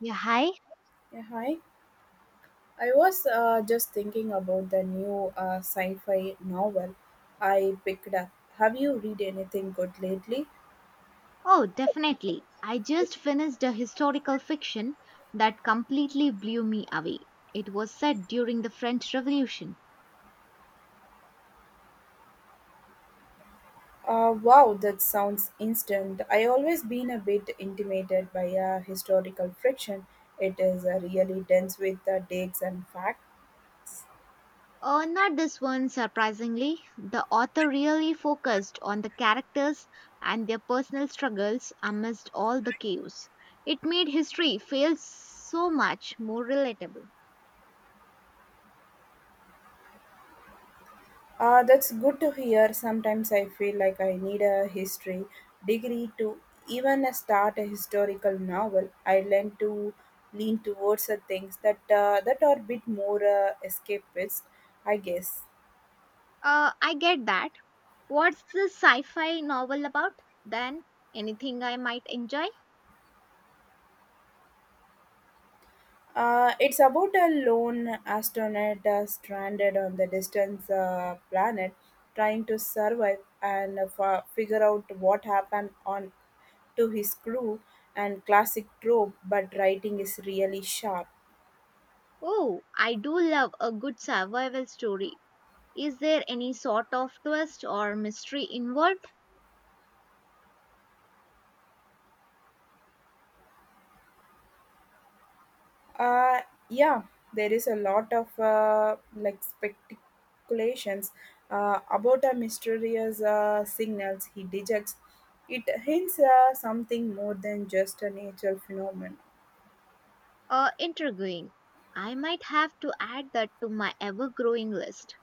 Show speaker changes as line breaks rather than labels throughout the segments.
Yeah, hi.
Yeah, hi. I was just thinking about the new sci-fi novel I picked up. Have you read anything good lately?
Oh, definitely. I just finished a historical fiction that completely blew me away. It was set during the French Revolution.
Wow, that sounds instant. I always been a bit intimidated by historical fiction. It is really dense with the dates and facts.
Oh, not this one, surprisingly. The author really focused on the characters and their personal struggles amidst all the chaos. It made history feel so much more relatable.
That's good to hear. Sometimes I feel like I need a history degree to even start a historical novel. I learn to lean towards the things that that are a bit more escapist, I guess.
I get that. What's the sci fi novel about then? Anything I might enjoy?
It's about a lone astronaut stranded on the distant planet, trying to survive and figure out what happened on to his crew and classic trope. But writing is really sharp.
Oh, I do love a good survival story. Is there any sort of twist or mystery involved?
Uh, yeah, there is a lot of like speculations about a mysterious signals he detects. It hints something more than just a natural phenomenon.
Intriguing. I might have to add that to my ever growing list.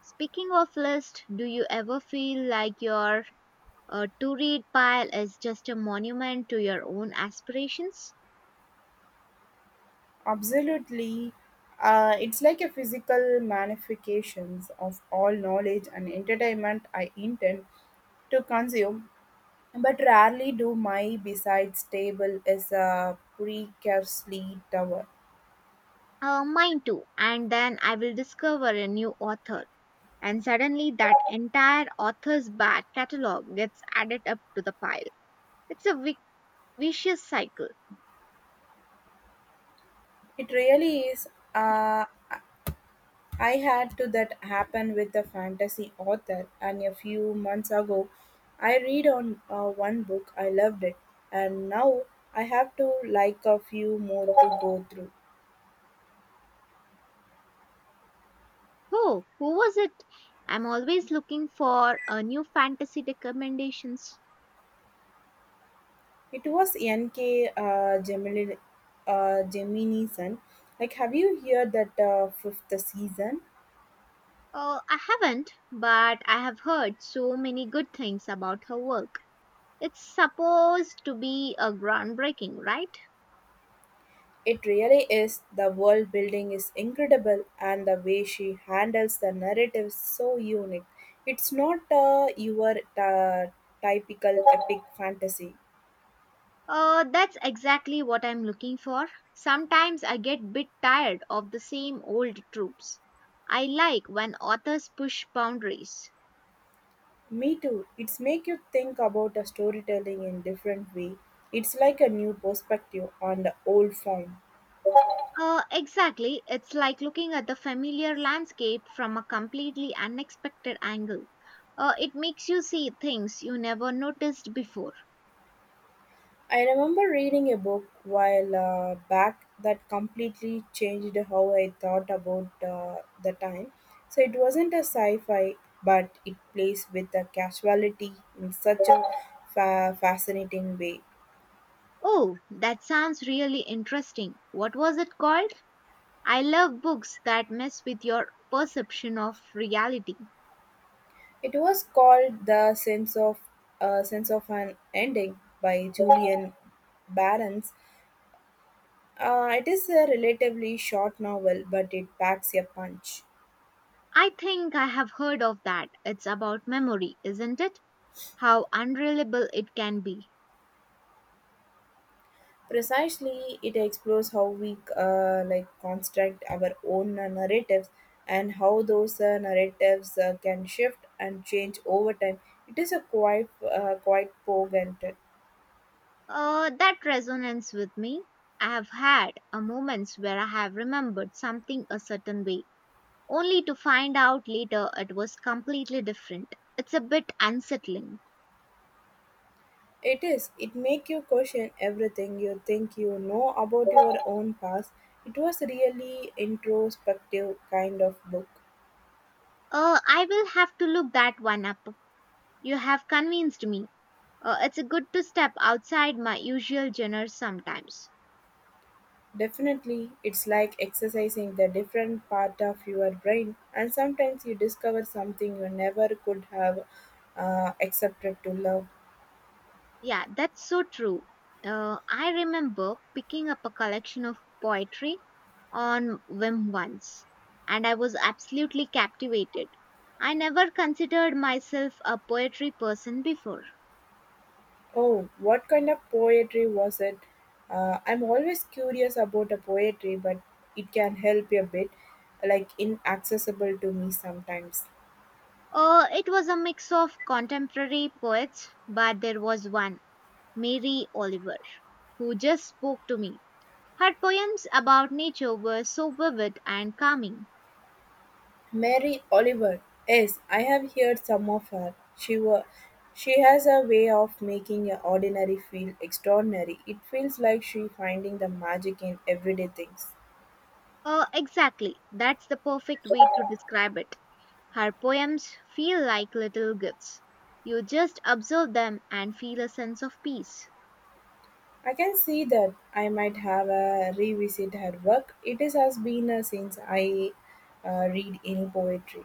Speaking of list, do you ever feel like your to read pile is just a monument to your own aspirations?
Absolutely, it's like a physical manifestations of all knowledge and entertainment I intend to consume. But rarely do my besides table is a precariously tower.
Mine too. And then I will discover a new author. And suddenly that entire author's back catalog gets added up to the pile. It's a vicious cycle.
It really is. Uh, I had to that happen with a fantasy author, and a few months ago, I read on one book. I loved it, and now I have to like a few more to go through.
Oh, who was it? I'm always looking for new fantasy recommendations.
It was N.K. Gemini. Like, have you heard that fifth season?
I haven't, but I have heard so many good things about her work. It's supposed to be a groundbreaking, right?
It really is. The world building is incredible, and the way she handles the narrative is so unique. It's not your uh, typical epic fantasy.
That's exactly what I'm looking for. Sometimes I get bit tired of the same old tropes. I like when authors push boundaries.
Me too. It's make you think about the storytelling in different way. It's like a new perspective on the old form.
Exactly. It's like looking at the familiar landscape from a completely unexpected angle. It makes you see things you never noticed before.
I remember reading a book while back that completely changed how I thought about the time. So it wasn't a sci fi, but it plays with the casuality in such a fascinating way.
Oh, that sounds really interesting. What was it called? I love books that mess with your perception of reality.
It was called The Sense of an Ending by Julian Barons. It is a relatively short novel, but it packs a punch.
I think I have heard of that. It's about memory, isn't it? How unreliable it can be.
Precisely, it explores how we like construct our own narratives and how those narratives can shift and change over time. It is a quite poignant.
That resonates with me. I have had moments where I have remembered something a certain way, only to find out later it was completely different. It's a bit unsettling.
It is. It make you question everything you think you know about your own past. It was really introspective kind of book.
I will have to look that one up. You have convinced me. It's good to step outside my usual genre sometimes.
Definitely, it's like exercising the different part of your brain, and sometimes you discover something you never could have accepted to love.
Yeah, that's so true. I remember picking up a collection of poetry on whim once, and I was absolutely captivated. I never considered myself a poetry person before.
Oh, what kind of poetry was it? I'm always curious about a poetry, but it can help a bit, like inaccessible to me sometimes.
It was a mix of contemporary poets, but there was one, Mary Oliver, who just spoke to me. Her poems about nature were so vivid and calming.
Mary Oliver, yes, I have heard some of her. She has a way of making a ordinary feel extraordinary. It feels like she finding the magic in everyday things.
Exactly, that's the perfect way to describe it. Her poems feel like little gifts. You just observe them and feel a sense of peace.
I can see that I might have a revisit her work. It is has been since I read any poetry.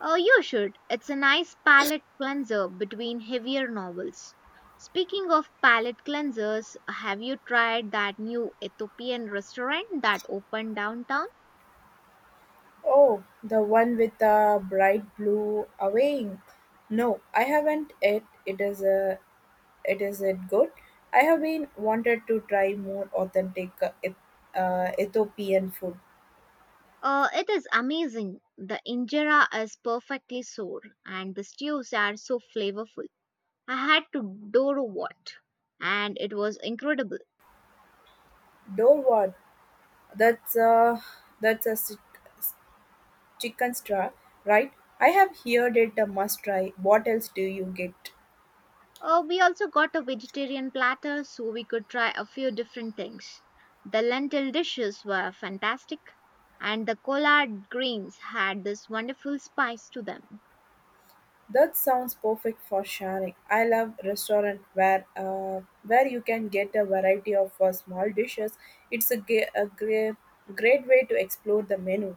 Oh, you should. It's a nice palate cleanser between heavier novels. Speaking of palate cleansers, have you tried that new Ethiopian restaurant that opened downtown?
Oh, the one with the bright blue awning. No, I haven't yet. It is it good? I have been wanted to try more authentic Ethiopian food.
It is amazing. The injera is perfectly sour and the stews are so flavorful. I had to do what, and it was incredible.
Though what? That's a that's a s- Chicken straw, right? I have heard it a must try. What else do you get?
We also got a vegetarian platter so we could try a few different things. The lentil dishes were fantastic, and the collard greens had this wonderful spice to them.
That sounds perfect for sharing. I love restaurant where where you can get a variety of small dishes. It's a, ge- a gre- Great way to explore the menu.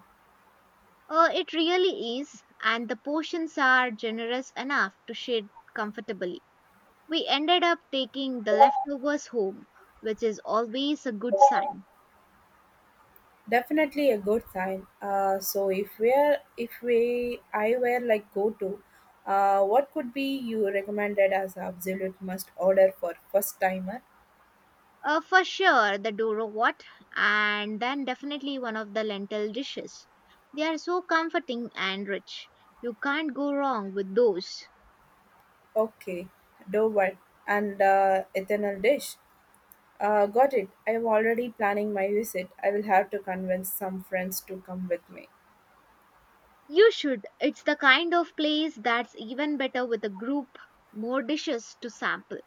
It really is, and the portions are generous enough to share comfortably. We ended up taking the leftovers home, which is always a good sign.
Definitely a good sign. So if we're if we I were like go to, what could be you recommended as absolute must order for first timer?
For sure, the dorowat, and then definitely one of the lentil dishes. They are so comforting and rich. You can't go wrong with those.
Okay, dough one and ethanol dish. Got it. I'm already planning my visit. I will have to convince some friends to come with me.
You should. It's the kind of place that's even better with a group, more dishes to sample.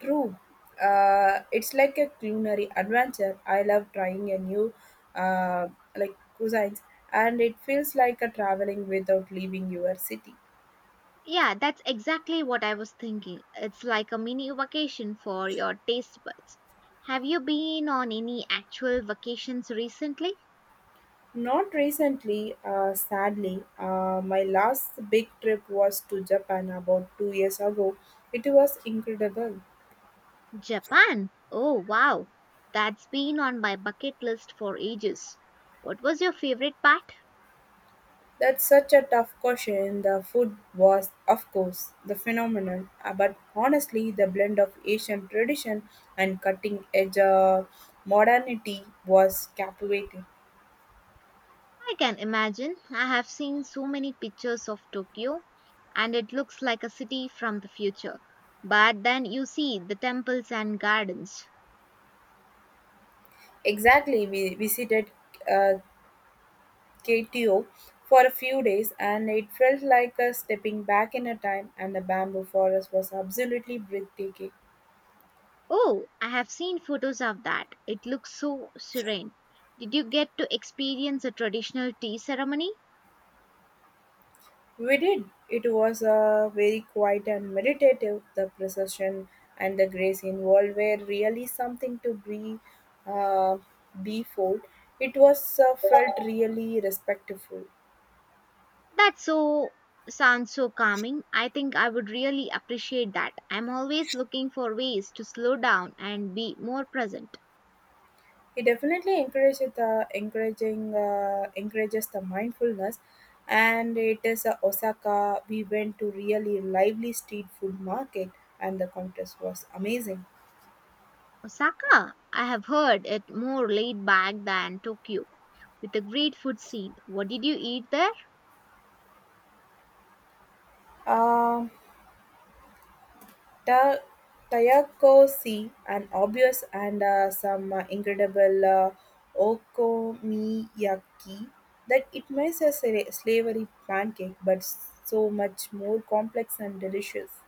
True. It's like a culinary adventure. I love trying a new, uh, like cuisines, and it feels like a traveling without leaving your city.
Yeah, that's exactly what I was thinking. It's like a mini vacation for your taste buds. Have you been on any actual vacations recently?
Not recently, sadly. My last big trip was to Japan about two years ago. It was incredible.
Japan. Oh, wow. That's been on my bucket list for ages. What was your favorite part?
That's such a tough question. The food was, of course, the phenomenon, but honestly, the blend of Asian tradition and cutting edge modernity was captivating.
I can imagine. I have seen so many pictures of Tokyo, and it looks like a city from the future. But then you see the temples and gardens.
Exactly, we visited uh, KTO for a few days, and it felt like a stepping back in a time, and the bamboo forest was absolutely breathtaking.
Oh, I have seen photos of that. It looks so serene. Did you get to experience a traditional tea ceremony?
We did. It was a very quiet and meditative. The procession and the grace involved were really something to be uh, before. It was felt really respectful.
That so sounds so calming. I think I would really appreciate that. I'm always looking for ways to slow down and be more present.
It definitely encourages the encouraging encourages the mindfulness, and it is a Osaka. We went to really lively street food market, and the contest was amazing.
Osaka, I have heard it more laid back than Tokyo with a great food scene. What did you eat there?
Um Ta- Taiyako sea, an obvious and some incredible okonomiyaki that it makes a slavery pancake, but so much more complex and delicious.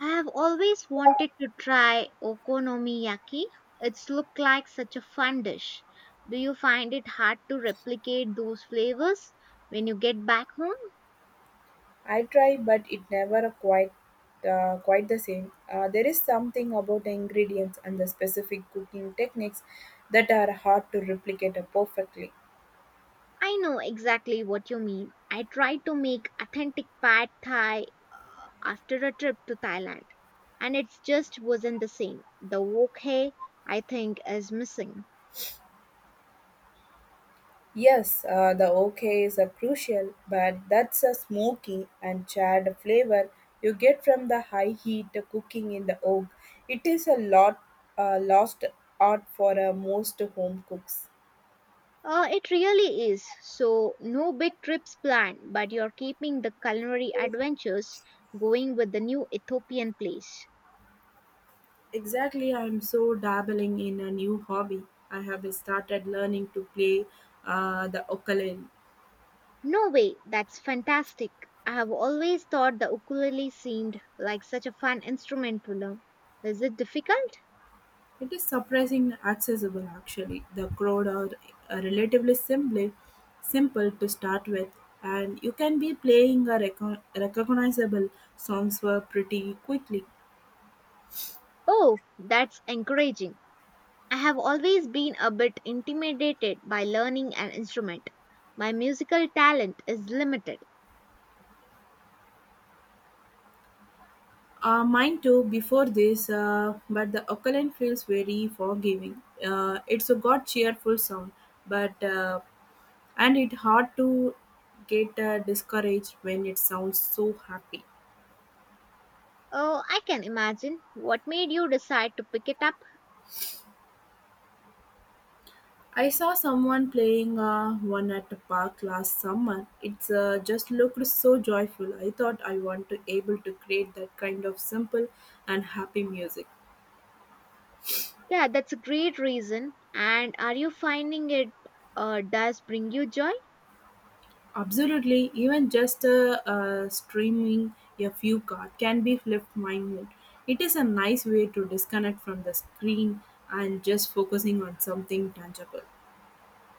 I have always wanted to try okonomiyaki. It's looked like such a fun dish. Do you find it hard to replicate those flavors when you get back home?
I try, but it never quite the same. There is something about the ingredients and the specific cooking techniques that are hard to replicate perfectly.
I know exactly what you mean. I tried to make authentic pad thai after a trip to Thailand, and it just wasn't the same. The wok hay, I think, is missing.
Yes, the OKs are crucial, but that's a smoky and charred flavor you get from the high heat cooking in the oak. It is a lot lost art for most home cooks.
It really is. So, no big trips planned, but you're keeping the culinary adventures going with the new Ethiopian place.
Exactly, I'm so dabbling in a new hobby. I have started learning to play the ukulele.
No way, that's fantastic. I have always thought the ukulele seemed like such a fun instrument to learn. Is it difficult?
It is surprisingly accessible actually. The crowd are relatively simply simple to start with and you can be playing a recognizable songs were pretty quickly.
Oh, that's encouraging. I have always been a bit intimidated by learning an instrument. My musical talent is limited.
Mine too before this but the Oakland feels very forgiving. It's a got cheerful sound but and it hard to get discouraged when it sounds so happy.
Oh, I can imagine. What made you decide to pick it up?
I saw someone playing one at the park last summer. It's just looked so joyful. I thought I want to able to create that kind of simple and happy music.
Yeah, that's a great reason. And are you finding it does bring you joy?
Absolutely, even just streaming a few cards can be lift my mood. It is a nice way to disconnect from the screen and just focusing on something tangible.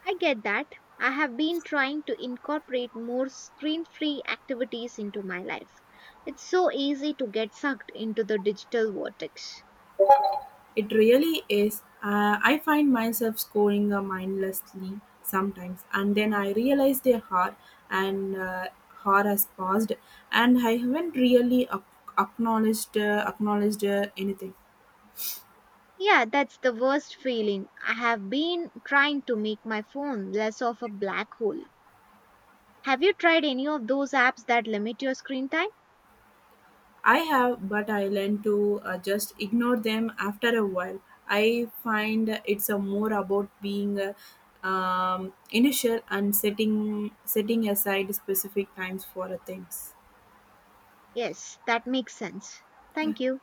I get that. I have been trying to incorporate more screen free activities into my life. It's so easy to get sucked into the digital vortex.
It really is. I find myself scoring mindlessly sometimes, and then I realize the hour and hour has passed, and I haven't really acknowledged anything.
Yeah, that's the worst feeling. I have been trying to make my phone less of a black hole. Have you tried any of those apps that limit your screen time?
I have, but I learn to just ignore them after a while. I find it's a more about being initial and setting aside specific times for things.
Yes, that makes sense.
Yeah.
Thank you.